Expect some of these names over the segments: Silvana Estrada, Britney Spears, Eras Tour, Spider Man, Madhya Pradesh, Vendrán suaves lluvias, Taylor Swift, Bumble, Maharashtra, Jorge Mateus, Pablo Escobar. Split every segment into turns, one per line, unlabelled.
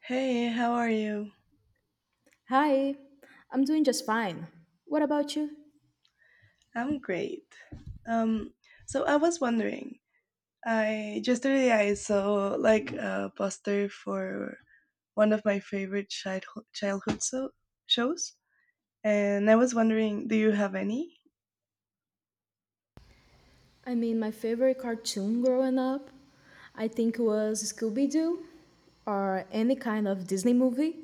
Hey, how are you?
Hi, I'm doing just fine. What about you?
I'm great. Um, so I was wondering, I just today I saw like a poster for one of my favorite childhood shows, and I was wondering, do you have any?
I mean, my favorite cartoon growing up, I think was Scooby Doo or any kind of Disney movie.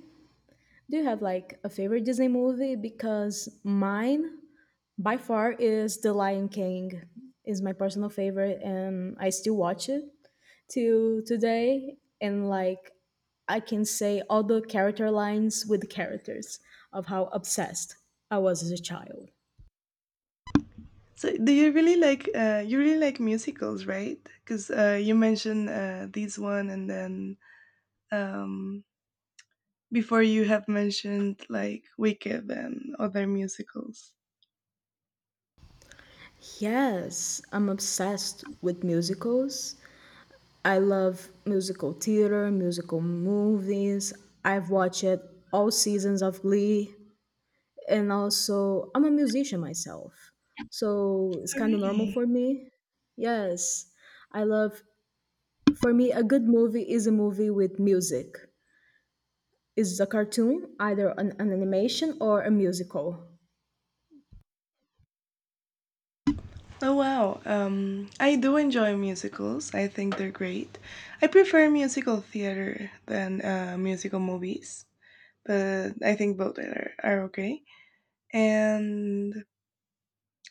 Do you have like a favorite Disney movie? Because mine, by far, is The Lion King is my personal favorite, and I still watch it till today. And like, I can say all the character lines with the characters of how obsessed I was as a child.
So do you really like musicals, right? Because you mentioned this one, and then um, before you have mentioned like Wicked and other musicals.
Yes, I'm obsessed with musicals. I love musical theater, musical movies. I've watched all seasons of Glee. And also, I'm a musician myself. So it's
Oh,
kind of normal
really?
for me. Yes, I love, for me, a good movie is a movie with music. It's a cartoon, either an animation or a musical.
Oh wow, I do enjoy musicals. I think they're great. I prefer musical theater than musical movies, but I think both are okay. And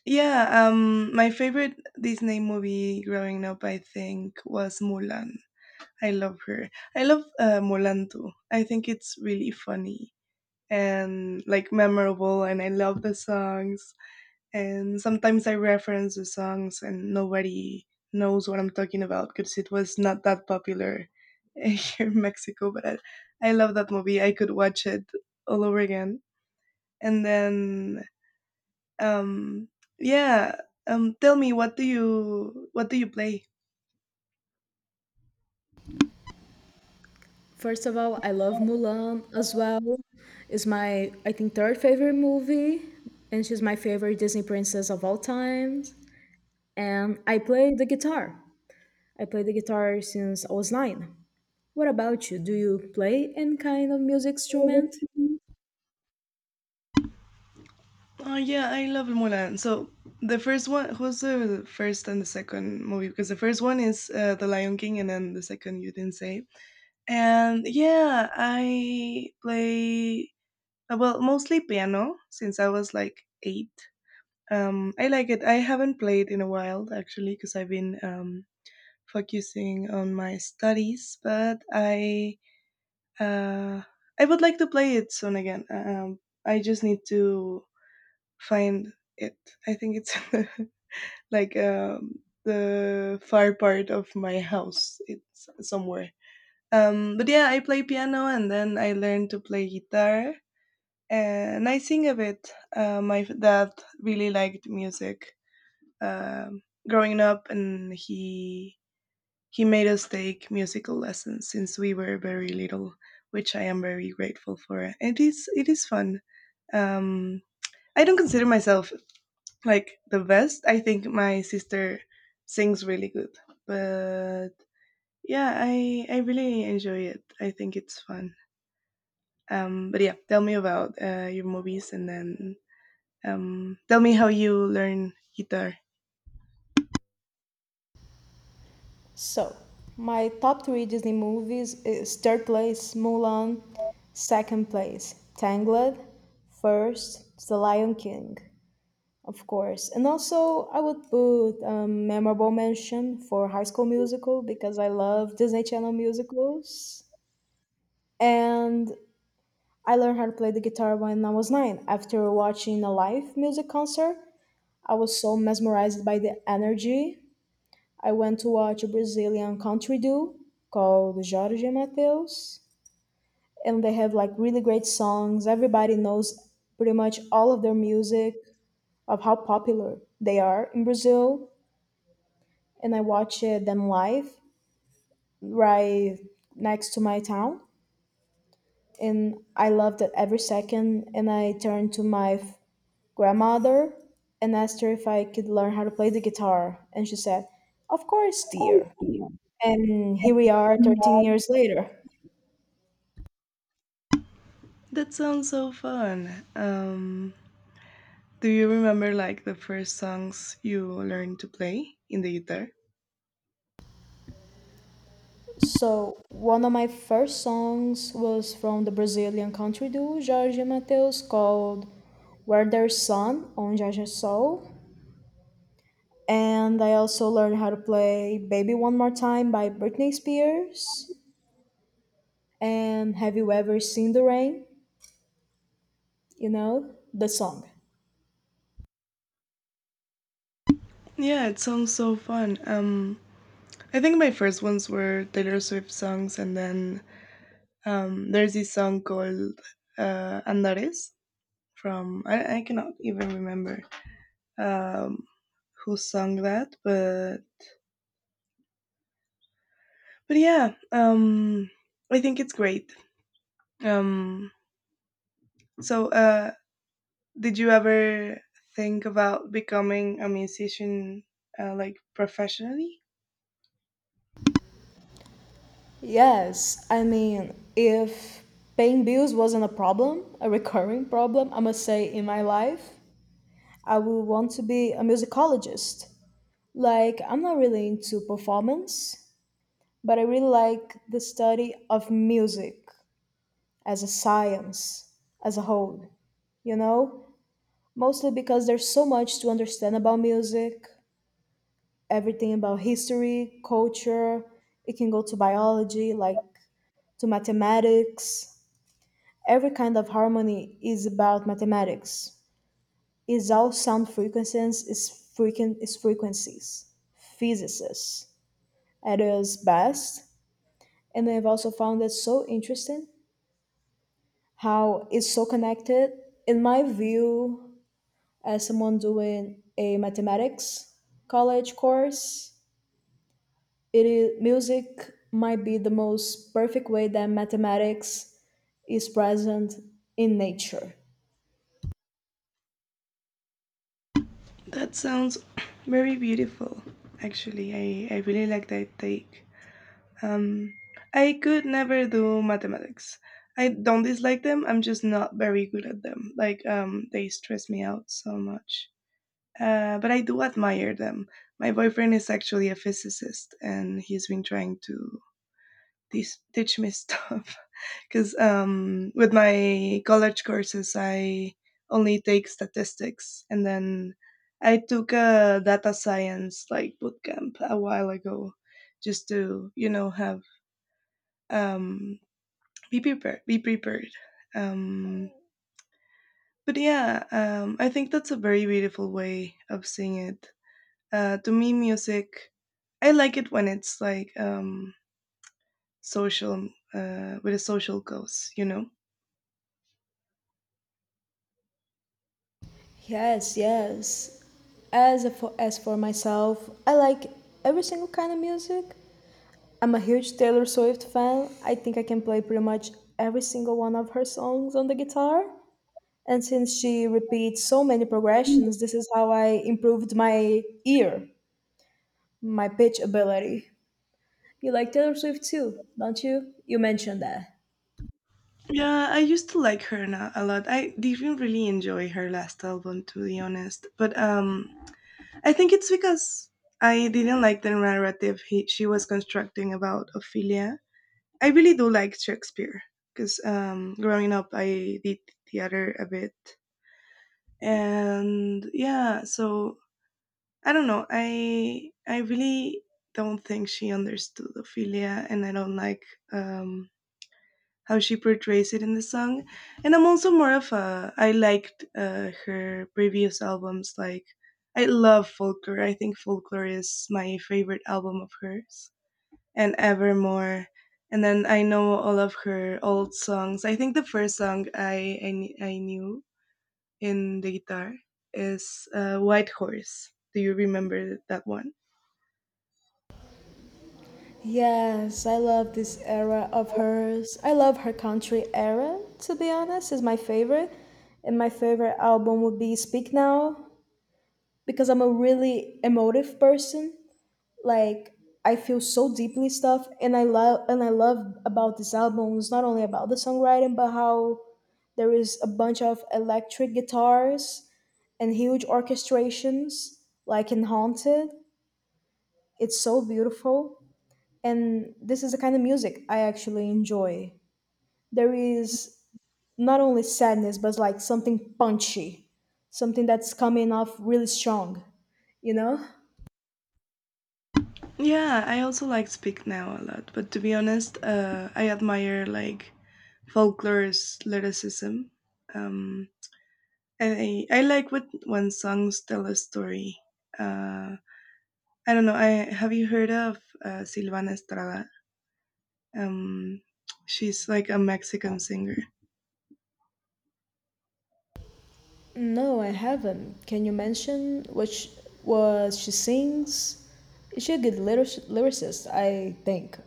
yeah, my favorite Disney movie growing up, I think, was Mulan. I love her. I love Mulan too. I think it's really funny and like memorable, and I love the songs, and sometimes I reference the songs and nobody knows what I'm talking about because it was not that popular here in Mexico, but I love that movie. I could watch it all over again, and then um yeah. Tell me, what do you play
First of all, I love Mulan as well. It's my, I think, third favorite movie, and she's my favorite Disney princess of all times. And I play the guitar. I play the guitar since I was nine. What about you? Do you play any kind of music instrument?
Oh yeah, I love Mulan. So the first one, who's the first and the second movie? Because the first one is The Lion King, and then the second you didn't say. And yeah, I play well, mostly piano since I was like 8. I like it. I haven't played in a while actually because I've been focusing on my studies, but uh, I would like to play it soon again. I just need to find it. I think it's like the far part of my house. It's somewhere. But yeah, I play piano and then I learned to play guitar and I sing a bit. My dad really liked music um, growing up, and he made us take musical lessons since we were very little, which I am very grateful for. It is fun. Um, I don't consider myself like the best. I think my sister sings really good, but yeah, I really enjoy it. I think it's fun. But yeah, tell me about your movies, and then tell me how you learn guitar.
So, my top three Disney movies is third place Mulan, second place Tangled, first The Lion King. Of course. And also, I would put a memorable mention for High School Musical because I love Disney Channel musicals. And I learned how to play the guitar when I was nine after watching a live music concert. I was so mesmerized by the energy. I went to watch a Brazilian country duo called Jorge Mateus, and they have like really great songs. Everybody knows pretty much all of their music, of how popular they are in Brazil, and I watched them live right next to my town. And I loved it every second. And I turned to my grandmother and asked her if I could learn how to play the guitar. And she said, "Of course, dear." And here we are 13 years later.
That sounds so fun. Um, do you remember like the first songs you learned to play in the guitar?
So, one of my first songs was from the Brazilian country duo Jorge Mateus called Where There's Sun on Jorge Sol. And I also learned how to play Baby One More Time by Britney Spears. And Have You Ever Seen the Rain? You know, the song.
Yeah, it sounds so fun. I think my first ones were Taylor Swift songs, and then there's this song called Andares from I cannot even remember um, who sung that, but yeah, I think it's great. Um, so, uh, did you ever think about becoming a musician like professionally?
Yes, I mean, if paying bills wasn't a problem, a recurring problem, I must say, in my life, I would want to be a musicologist. Like, I'm not really into performance, but I really like the study of music as a science, as a whole, you know? Mostly because there's so much to understand about music, everything about history, culture. It can go to biology, like to mathematics. Every kind of harmony is about mathematics. Is all sound frequencies, is frequen is frequencies. Physicists at its best. And I've also found it so interesting how it's so connected. In my view, as someone doing a mathematics college course, it is music might be the most perfect way that mathematics is present in nature.
That sounds very beautiful. Actually, I really like that take. Um, I could never do mathematics. I don't dislike them. I'm just not very good at them. Like they stress me out so much. But I do admire them. My boyfriend is actually a physicist, and he's been trying to teach, teach me stuff. Because with my college courses, I only take statistics, and then I took a data science like bootcamp a while ago, just to you know have um, be prepared. Um, but yeah, I think that's a very beautiful way of seeing it. To me, music, I like it when it's like social, with a social cause, you know?
Yes, yes, as for myself, I like every single kind of music. I'm a huge Taylor Swift fan. I think I can play pretty much every single one of her songs on the guitar, and since she repeats so many progressions, this is how I improved my ear, my pitch ability. You like Taylor Swift too, don't you? You mentioned that.
Yeah, I used to like her a lot. I didn't really enjoy her last album, to be honest. But I think it's because I didn't like the narrative she was constructing about Ophelia. I really do like Shakespeare because growing up I did theater a bit, and yeah, so I don't know. I really don't think she understood Ophelia, and I don't like um, how she portrays it in the song. And I'm also more of a I liked her previous albums. Like I love Folklore. I think Folklore is my favorite album of hers and Evermore. And then I know all of her old songs. I think the first song I knew in the guitar is White Horse. Do you remember that one?
Yes, I love this era of hers. I love her country era, to be honest, is my favorite. And my favorite album would be Speak Now because I'm a really emotive person. Like, I feel so deeply stuff, and I love about this album is not only about the songwriting but how there is a bunch of electric guitars and huge orchestrations like in Haunted. It's so beautiful. And this is the kind of music I actually enjoy. There is not only sadness, but like something punchy, something that's coming off really strong, you know?
Yeah, I also like Speak Now a lot. But to be honest, I admire like Folklore's lyricism. Um, I like what when songs tell a story. Uh, I don't know. I have you heard of Silvana Estrada? Um, she's like a Mexican singer.
No, I haven't. Can you mention what she sings? Is she a good lyric, lyricist, I think.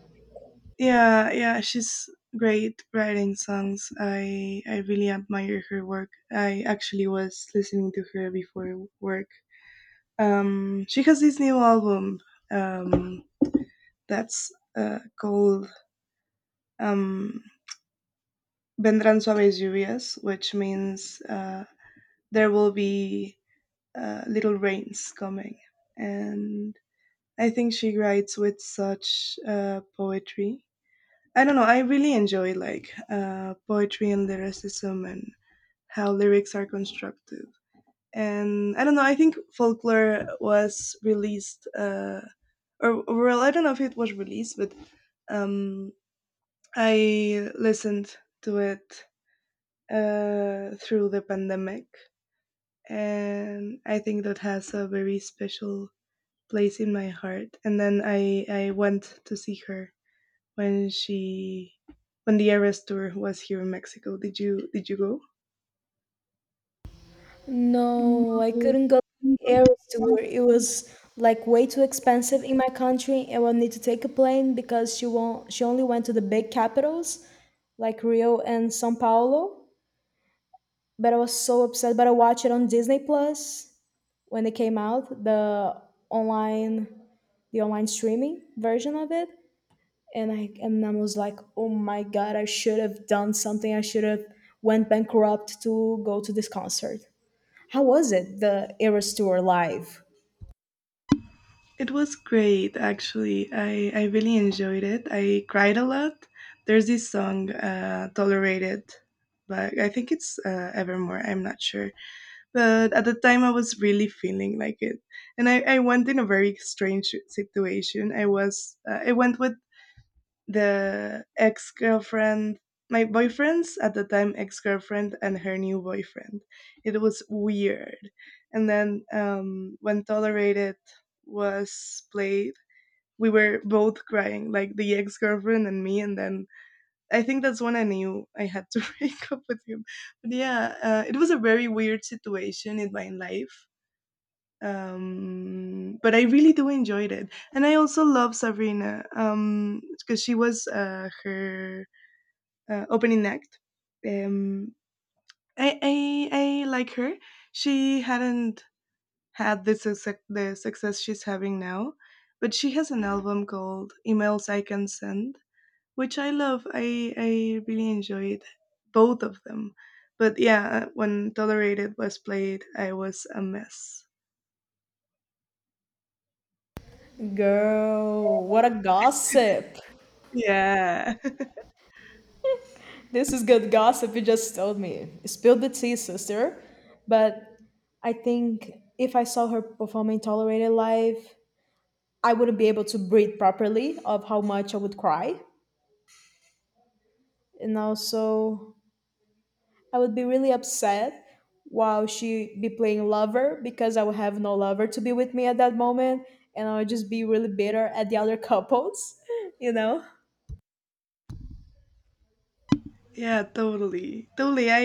Yeah, yeah, she's great writing songs. I really admire her work. I actually was listening to her before work. She has this new album um, that's called um, Vendrán suaves lluvias, which means there will be little rains coming. And I think she writes with such poetry. I don't know. I really enjoy like poetry and lyricism and how lyrics are constructed. And I don't know. I think Folklore was released, or well, I don't know if it was released, but um, I listened to it through the pandemic, and I think that has a very special place in my heart. And then I went to see her when she when the Eras tour was here in Mexico. Did you go?
No, I
No.
couldn't go to the Eras tour. It was like way too expensive in my country. I will need to take a plane because she won't, she only went to the big capitals like Rio and Sao Paulo. But I was so upset, but I watched it on Disney Plus when it came out, online the online streaming version of it. And I was like, oh my god, I should have done something. I should have went bankrupt to go to this concert. How was it, the Eras Tour live?
It was great actually. I really enjoyed it. I cried a lot. There's this song Tolerated, but I think it's Evermore. I'm not sure, but at the time I was really feeling like it, and I went in a very strange situation. I was I went with the ex girlfriend, my boyfriend's at the time ex girlfriend and her new boyfriend. It was weird. And then when Tolerated was played, we were both crying, like the ex girlfriend and me. And then I think that's when I knew I had to break up with him. But yeah, it was a very weird situation in my life, but I really do enjoyed it, and I also love Sabrina because she was her opening act. Um, I like her. She hadn't had the success she's having now, but she has an album called Emails I Can Send, which I love. I really enjoyed both of them. But yeah, when Tolerated was played, I was a mess.
Girl, what a gossip.
Yeah.
This is good gossip you just told me. Spill the tea, sister. But I think if I saw her performing Tolerated live, I wouldn't be able to breathe properly of how much I would cry. And also, I would be really upset while she be playing Lover because I would have no lover to be with me at that moment. And I would just be really bitter at the other couples, you know?
Yeah, totally. Totally. I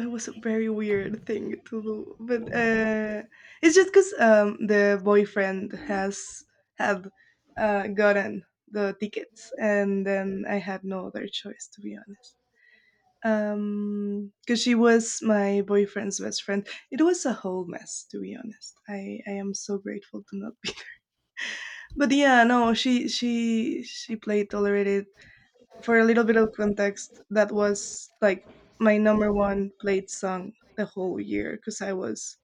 it was a very weird thing to do. But it's just cuz the boyfriend has had gotten the tickets and then I had no other choice, to be honest. Cuz she was my boyfriend's best friend. It was a whole mess, to be honest. I am so grateful to not be. But yeah, no, she played Tolerated. For a little bit of context, that was like my number one played song the whole year because I was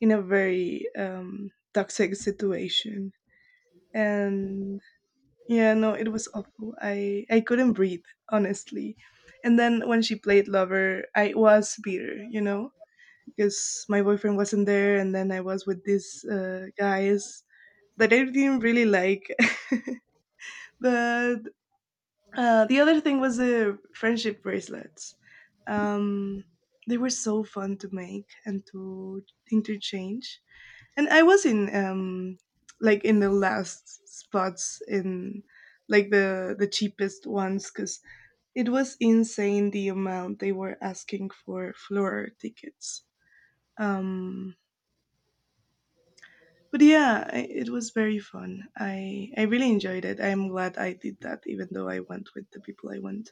in a very toxic situation. And yeah, no, it was awful. I couldn't breathe, honestly. And then when she played Lover, I was bitter, you know, because my boyfriend wasn't there. And then I was with these guys that I didn't really like. But the other thing was the friendship bracelets. Um, they were so fun to make and to interchange. And I was in like in the last spots, in like the cheapest ones, because it was insane the amount they were asking for floor tickets. Um, but yeah, I, it was very fun. I really enjoyed it. I'm glad I did that, even though I went with the people I went.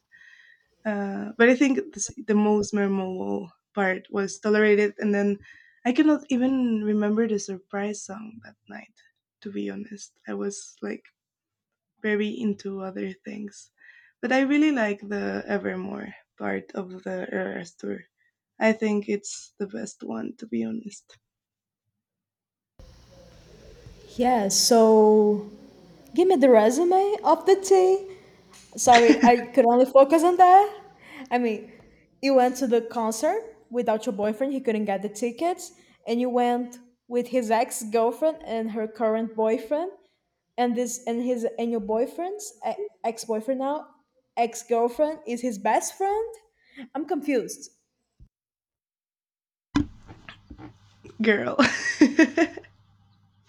But I think this, the most memorable part was Tolerated, and then I cannot even remember the surprise song that night. To be honest, I was like very into other things, but I really like the Evermore part of the Eras tour. I think it's the best one, to be honest.
Yeah, so give me the resume of the tea. Sorry, I could only focus on that. I mean, you went to the concert without your boyfriend, he couldn't get the tickets, and you went with his ex-girlfriend and her current boyfriend, and this and his and your boyfriend's e- ex-boyfriend now, ex-girlfriend is his best friend. I'm confused,
Girl,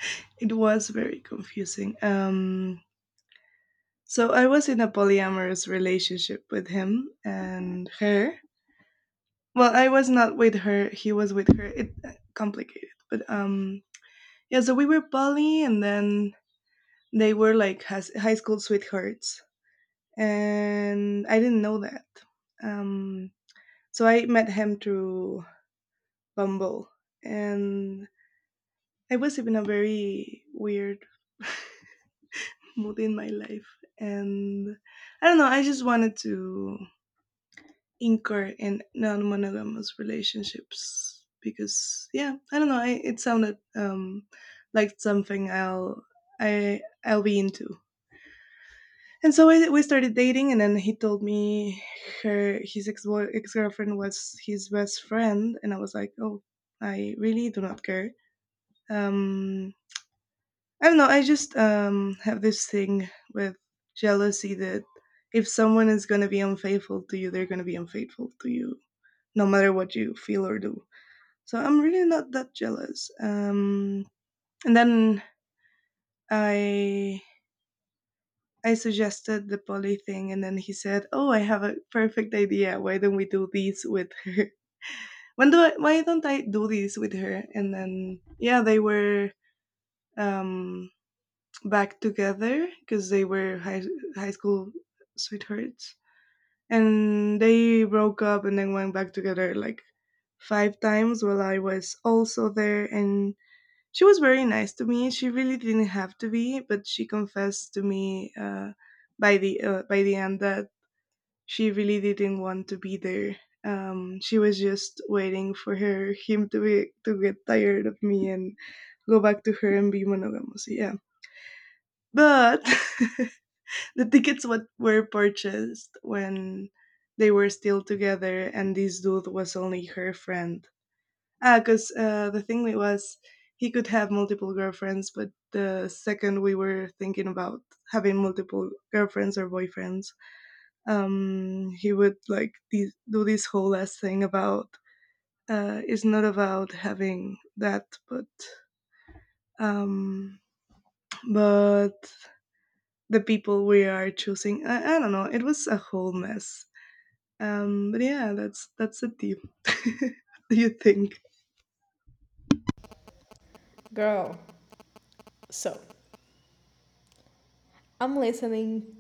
it was very confusing. So I was in a polyamorous relationship with him and her. Well, I was not with her. He was with her. It complicated, but yeah. So we were poly, and then they were like high school sweethearts, and I didn't know that. Um, so I met him through Bumble, and I was in a very weird mood in my life, and I don't know. I just wanted to incur in non-monogamous relationships because yeah, I don't know, it sounded like something I I'll be into. And so we started dating, and then he told me her his ex ex-girlfriend was his best friend, and I was like, oh, I really do not care. um I don't know, I just have this thing with jealousy that if someone is going to be unfaithful to you, they're going to be unfaithful to you no matter what you feel or do. So I'm really not that jealous. And then I I suggested the poly thing, and then he said, "Oh, I have a perfect idea. Why don't we do this with her? When do I, why don't I do this with her?" And then yeah, they were um, back together because they were high school sweethearts, and they broke up and then went back together like five times while I was also there, and she was very nice to me. She really didn't have to be, but she confessed to me by the end that she really didn't want to be there. She was just waiting for her him to be to get tired of me and go back to her and be monogamous. Yeah, but the tickets what were purchased when they were still together, and this dude was only her friend. Ah, because the thing was, he could have multiple girlfriends, but the second we were thinking about having multiple girlfriends or boyfriends, he would like do this whole last thing about it's not about having that, but um, but the people we are choosing. I don't know. It was a whole mess. But yeah, that's the tip. Do you think?
girl. So I'm listening.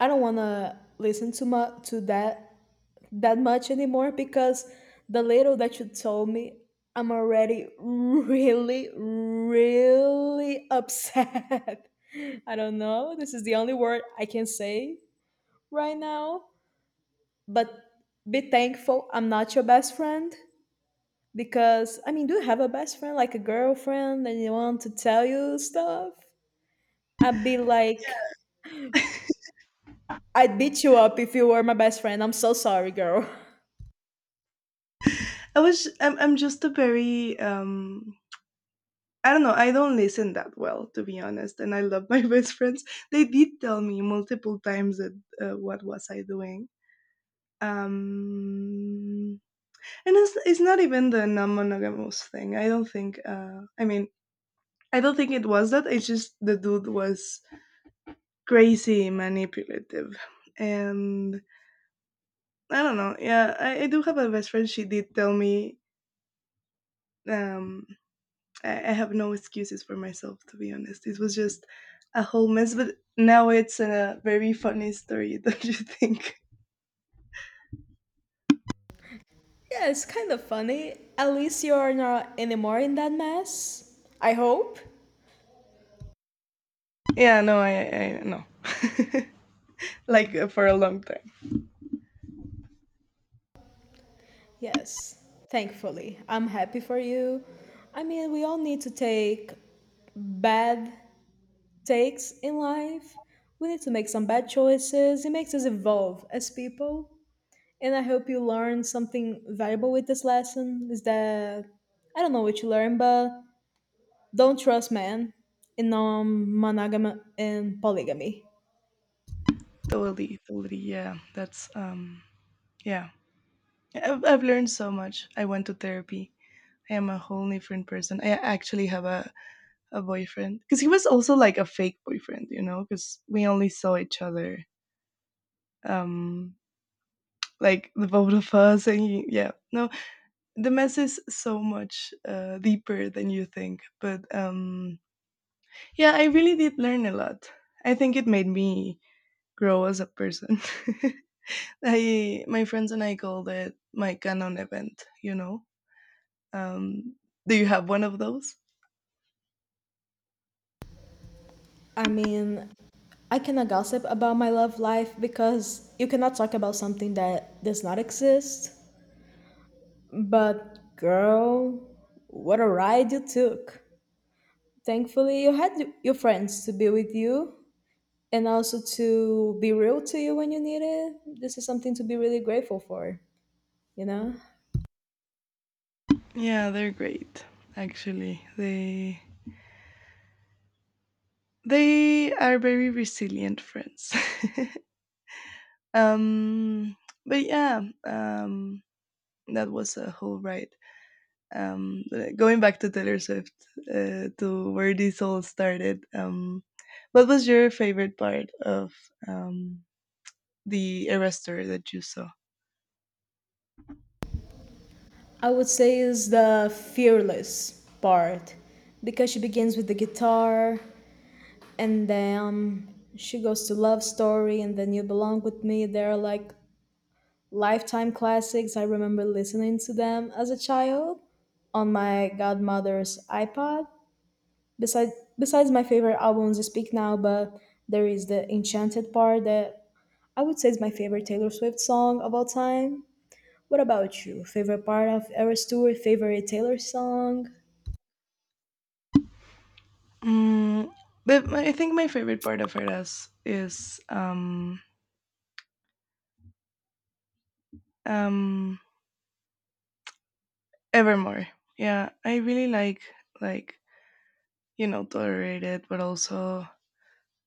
I don't wanna listen to that much anymore because the little that you told me, I'm already really, really upset. I don't know. This is the only word I can say right now. But be thankful I'm not your best friend because, I mean, do you have a best friend, like a girlfriend, and you want to tell you stuff? I'd be like, I'd beat you up if you were my best friend. I'm so sorry, girl.
I was. I'm. I'm just a very I don't know. I don't listen that well, to be honest. And I love my best friends. They did tell me multiple times that what was I doing. Um, and it's not even the non-monogamous thing. I don't think. I mean, I don't think it was that. It's just the dude was crazy manipulative, and I don't know. Yeah, I do have a best friend. She did tell me um I have no excuses for myself, to be honest. It was just a whole mess, but now it's a very funny story, don't you think?
Yeah, it's kind of funny. At least you're not anymore in that mess. I hope.
Yeah, no, I no, like for a long time.
Yes, thankfully. I'm happy for you. I mean, we all need to take bad takes in life. We need to make some bad choices. It makes us evolve as people. And I hope you learned something valuable with this lesson. Is that I don't know what you learned, but don't trust men in non monogamy and polygamy.
Totally, totally. Yeah, that's yeah. I've learned so much. I went to therapy. I am a whole different person. I actually have a boyfriend because he was also like a fake boyfriend, you know, because we only saw each other, um, like the both of us, and he, yeah, no, the mess is so much deeper than you think. But yeah, I really did learn a lot. I think it made me grow as a person. I my friends and I called it my canon event. Um, do you have one of those?
I mean, I cannot gossip about my love life because you cannot talk about something that does not exist. But girl, what a ride you took. Thankfully, you had your friends to be with you and also to be real to you when you need it. This is something to be really grateful for, you know?
Yeah, they're great. Actually, they are very resilient friends. um, but yeah, that was a whole ride. Going back to Taylor Swift, to where this all started, what was your favorite part of um, the Eras tour that you saw?
I would say is the fearless part because she begins with the guitar and then she goes to Love Story and then You Belong With Me. They're like Lifetime classics. I remember listening to them as a child on my godmother's iPod. Besides, besides my favorite albums, I, Speak Now, but there is the Enchanted part that I would say is my favorite Taylor Swift song of all time. What about you? Favorite part of Eras Tour? Favorite Taylor song?
Mm, but my, I think my favorite part of Eras is um, Evermore. Yeah, I really like you know Tolerate but also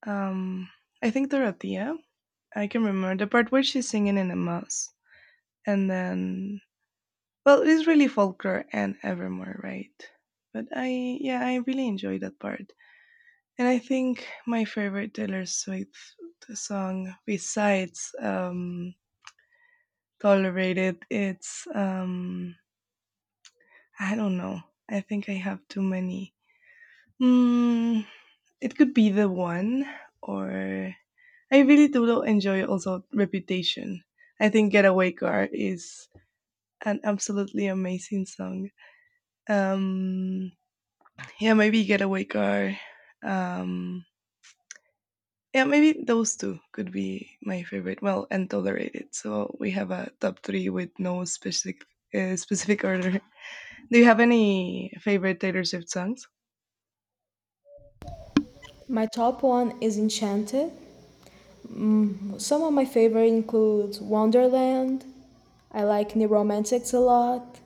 um, I think Dorothea. I can remember the part where she's singing in a mass, and then, well, it's really folklore and evermore, right? But I, yeah, I really enjoy that part. And I think my favorite Taylor Swift song, besides Tolerated, it's, I don't know. I think I have too many. Mm, it could be The One, or I really do enjoy also Reputation. I think Getaway Car is an absolutely amazing song. Um, Yeah, maybe Getaway Car. Um, yeah, maybe those two could be my favorite. Well, and Tolerated. So we have a top three with no specific order. Do you have any favorite Taylor Swift songs?
My top one is Enchanted. Some of my favorite include Wonderland. I like New Romantics a lot.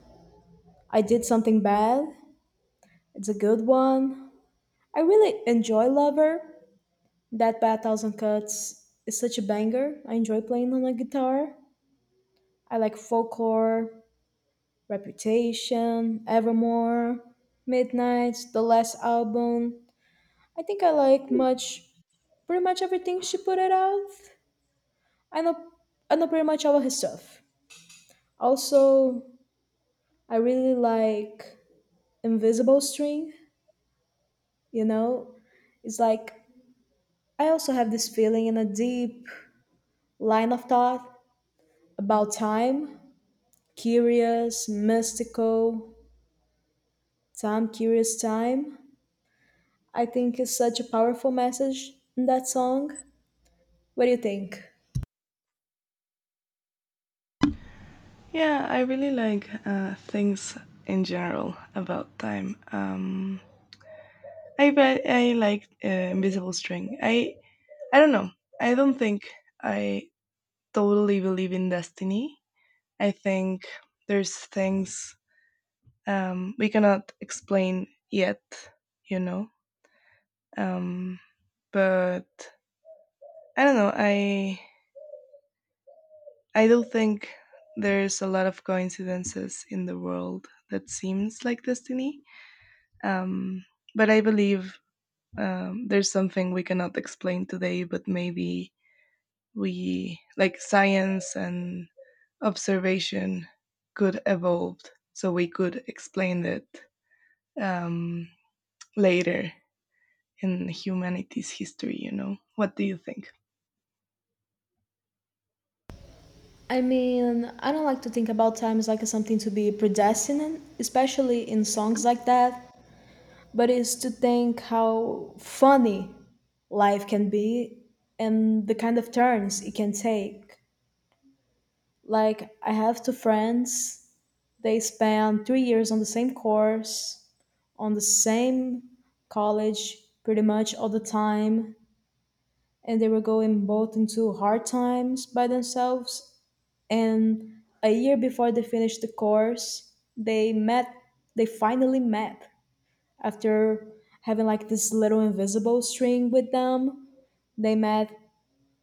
I Did Something Bad. It's a good one. I really enjoy Lover. That by a Thousand Cuts is such a banger. I enjoy playing on a guitar. I like Folklore, Reputation, Evermore, Midnight, the last album. I think I like pretty much everything she put it out. I know, I know pretty much all of her stuff. Also, I really like Invisible String. You know, it's like I also have this feeling in a deep line of thought. About Time, Curious, Mystical, Time, Curious Time, I think is such a powerful message in that song. What do you think?
Yeah, I really like things in general about time. I bet I like Invisible String. I don't know. I don't think I totally believe in destiny. I think there's things we cannot explain yet, you know. Um, but I don't know. I do think there's a lot of coincidences in the world that seems like destiny. Um, but I believe there's something we cannot explain today, but maybe we like science and observation could evolve, so we could explain it um, later in humanity's history, you know? What do you think?
I mean, I don't like to think about time as like something to be predestined, especially in songs like that, but it's to think how funny life can be and the kind of turns it can take. Like, I have two friends, they spent 3 years on the same course, on the same college pretty much all the time, and they were going both into hard times by themselves, and a year before they finished the course they met, they finally met, after having like this little invisible string with them, they met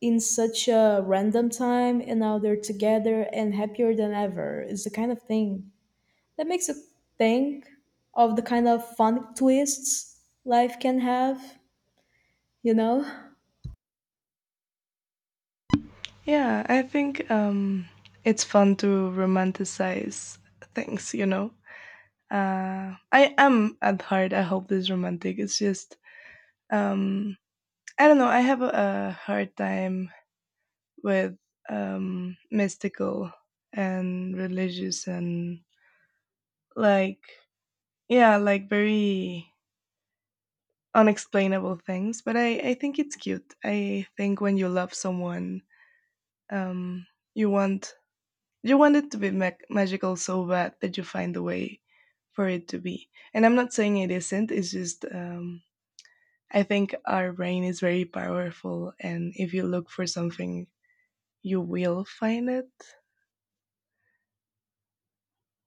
in such a random time, and now they're together and happier than ever. It's the kind of thing that makes you think of the kind of fun twists life can have, you know?
Yeah, I think it's fun to romanticize things, you know? I am at heart, I hope this romantic. It's just, um, I don't know, I have a hard time with mystical and religious and like, yeah, like very unexplainable things but I think it's cute. I think when you love someone um you want you want it to be magical so bad that you find a way for it to be. And I'm not saying it isn't, it's just I think our brain is very powerful, and if you look for something, you will find it.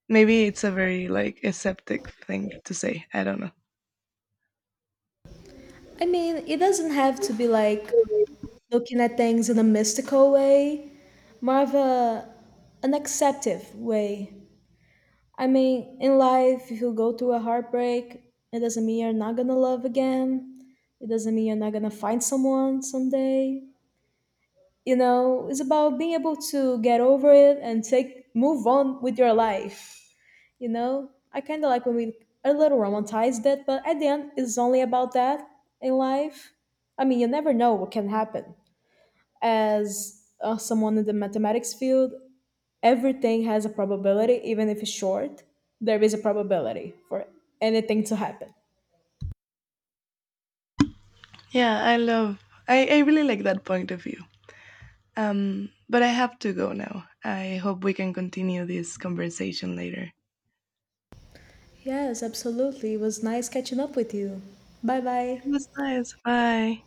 Maybe it's a very like aseptic thing to say. I don't know.
I mean, it doesn't have to be like looking at things in a mystical way, more of a an acceptive way. I mean, in life, if you go through a heartbreak, it doesn't mean you're not gonna love again. It doesn't mean you're not gonna find someone someday. You know, it's about being able to get over it and take move on with your life. You know, I kind of like when we a little romanticize that, but at the end, it's only about that in life. I mean, you never know what can happen. As someone in the mathematics field, everything has a probability, even if it's short. There is a probability for anything to happen.
Yeah, I love. I really like that point of view. But I have to go now. I hope we can continue this conversation later. It
Yes, absolutely. It was nice catching up with you. Bye bye.
was nice. Bye.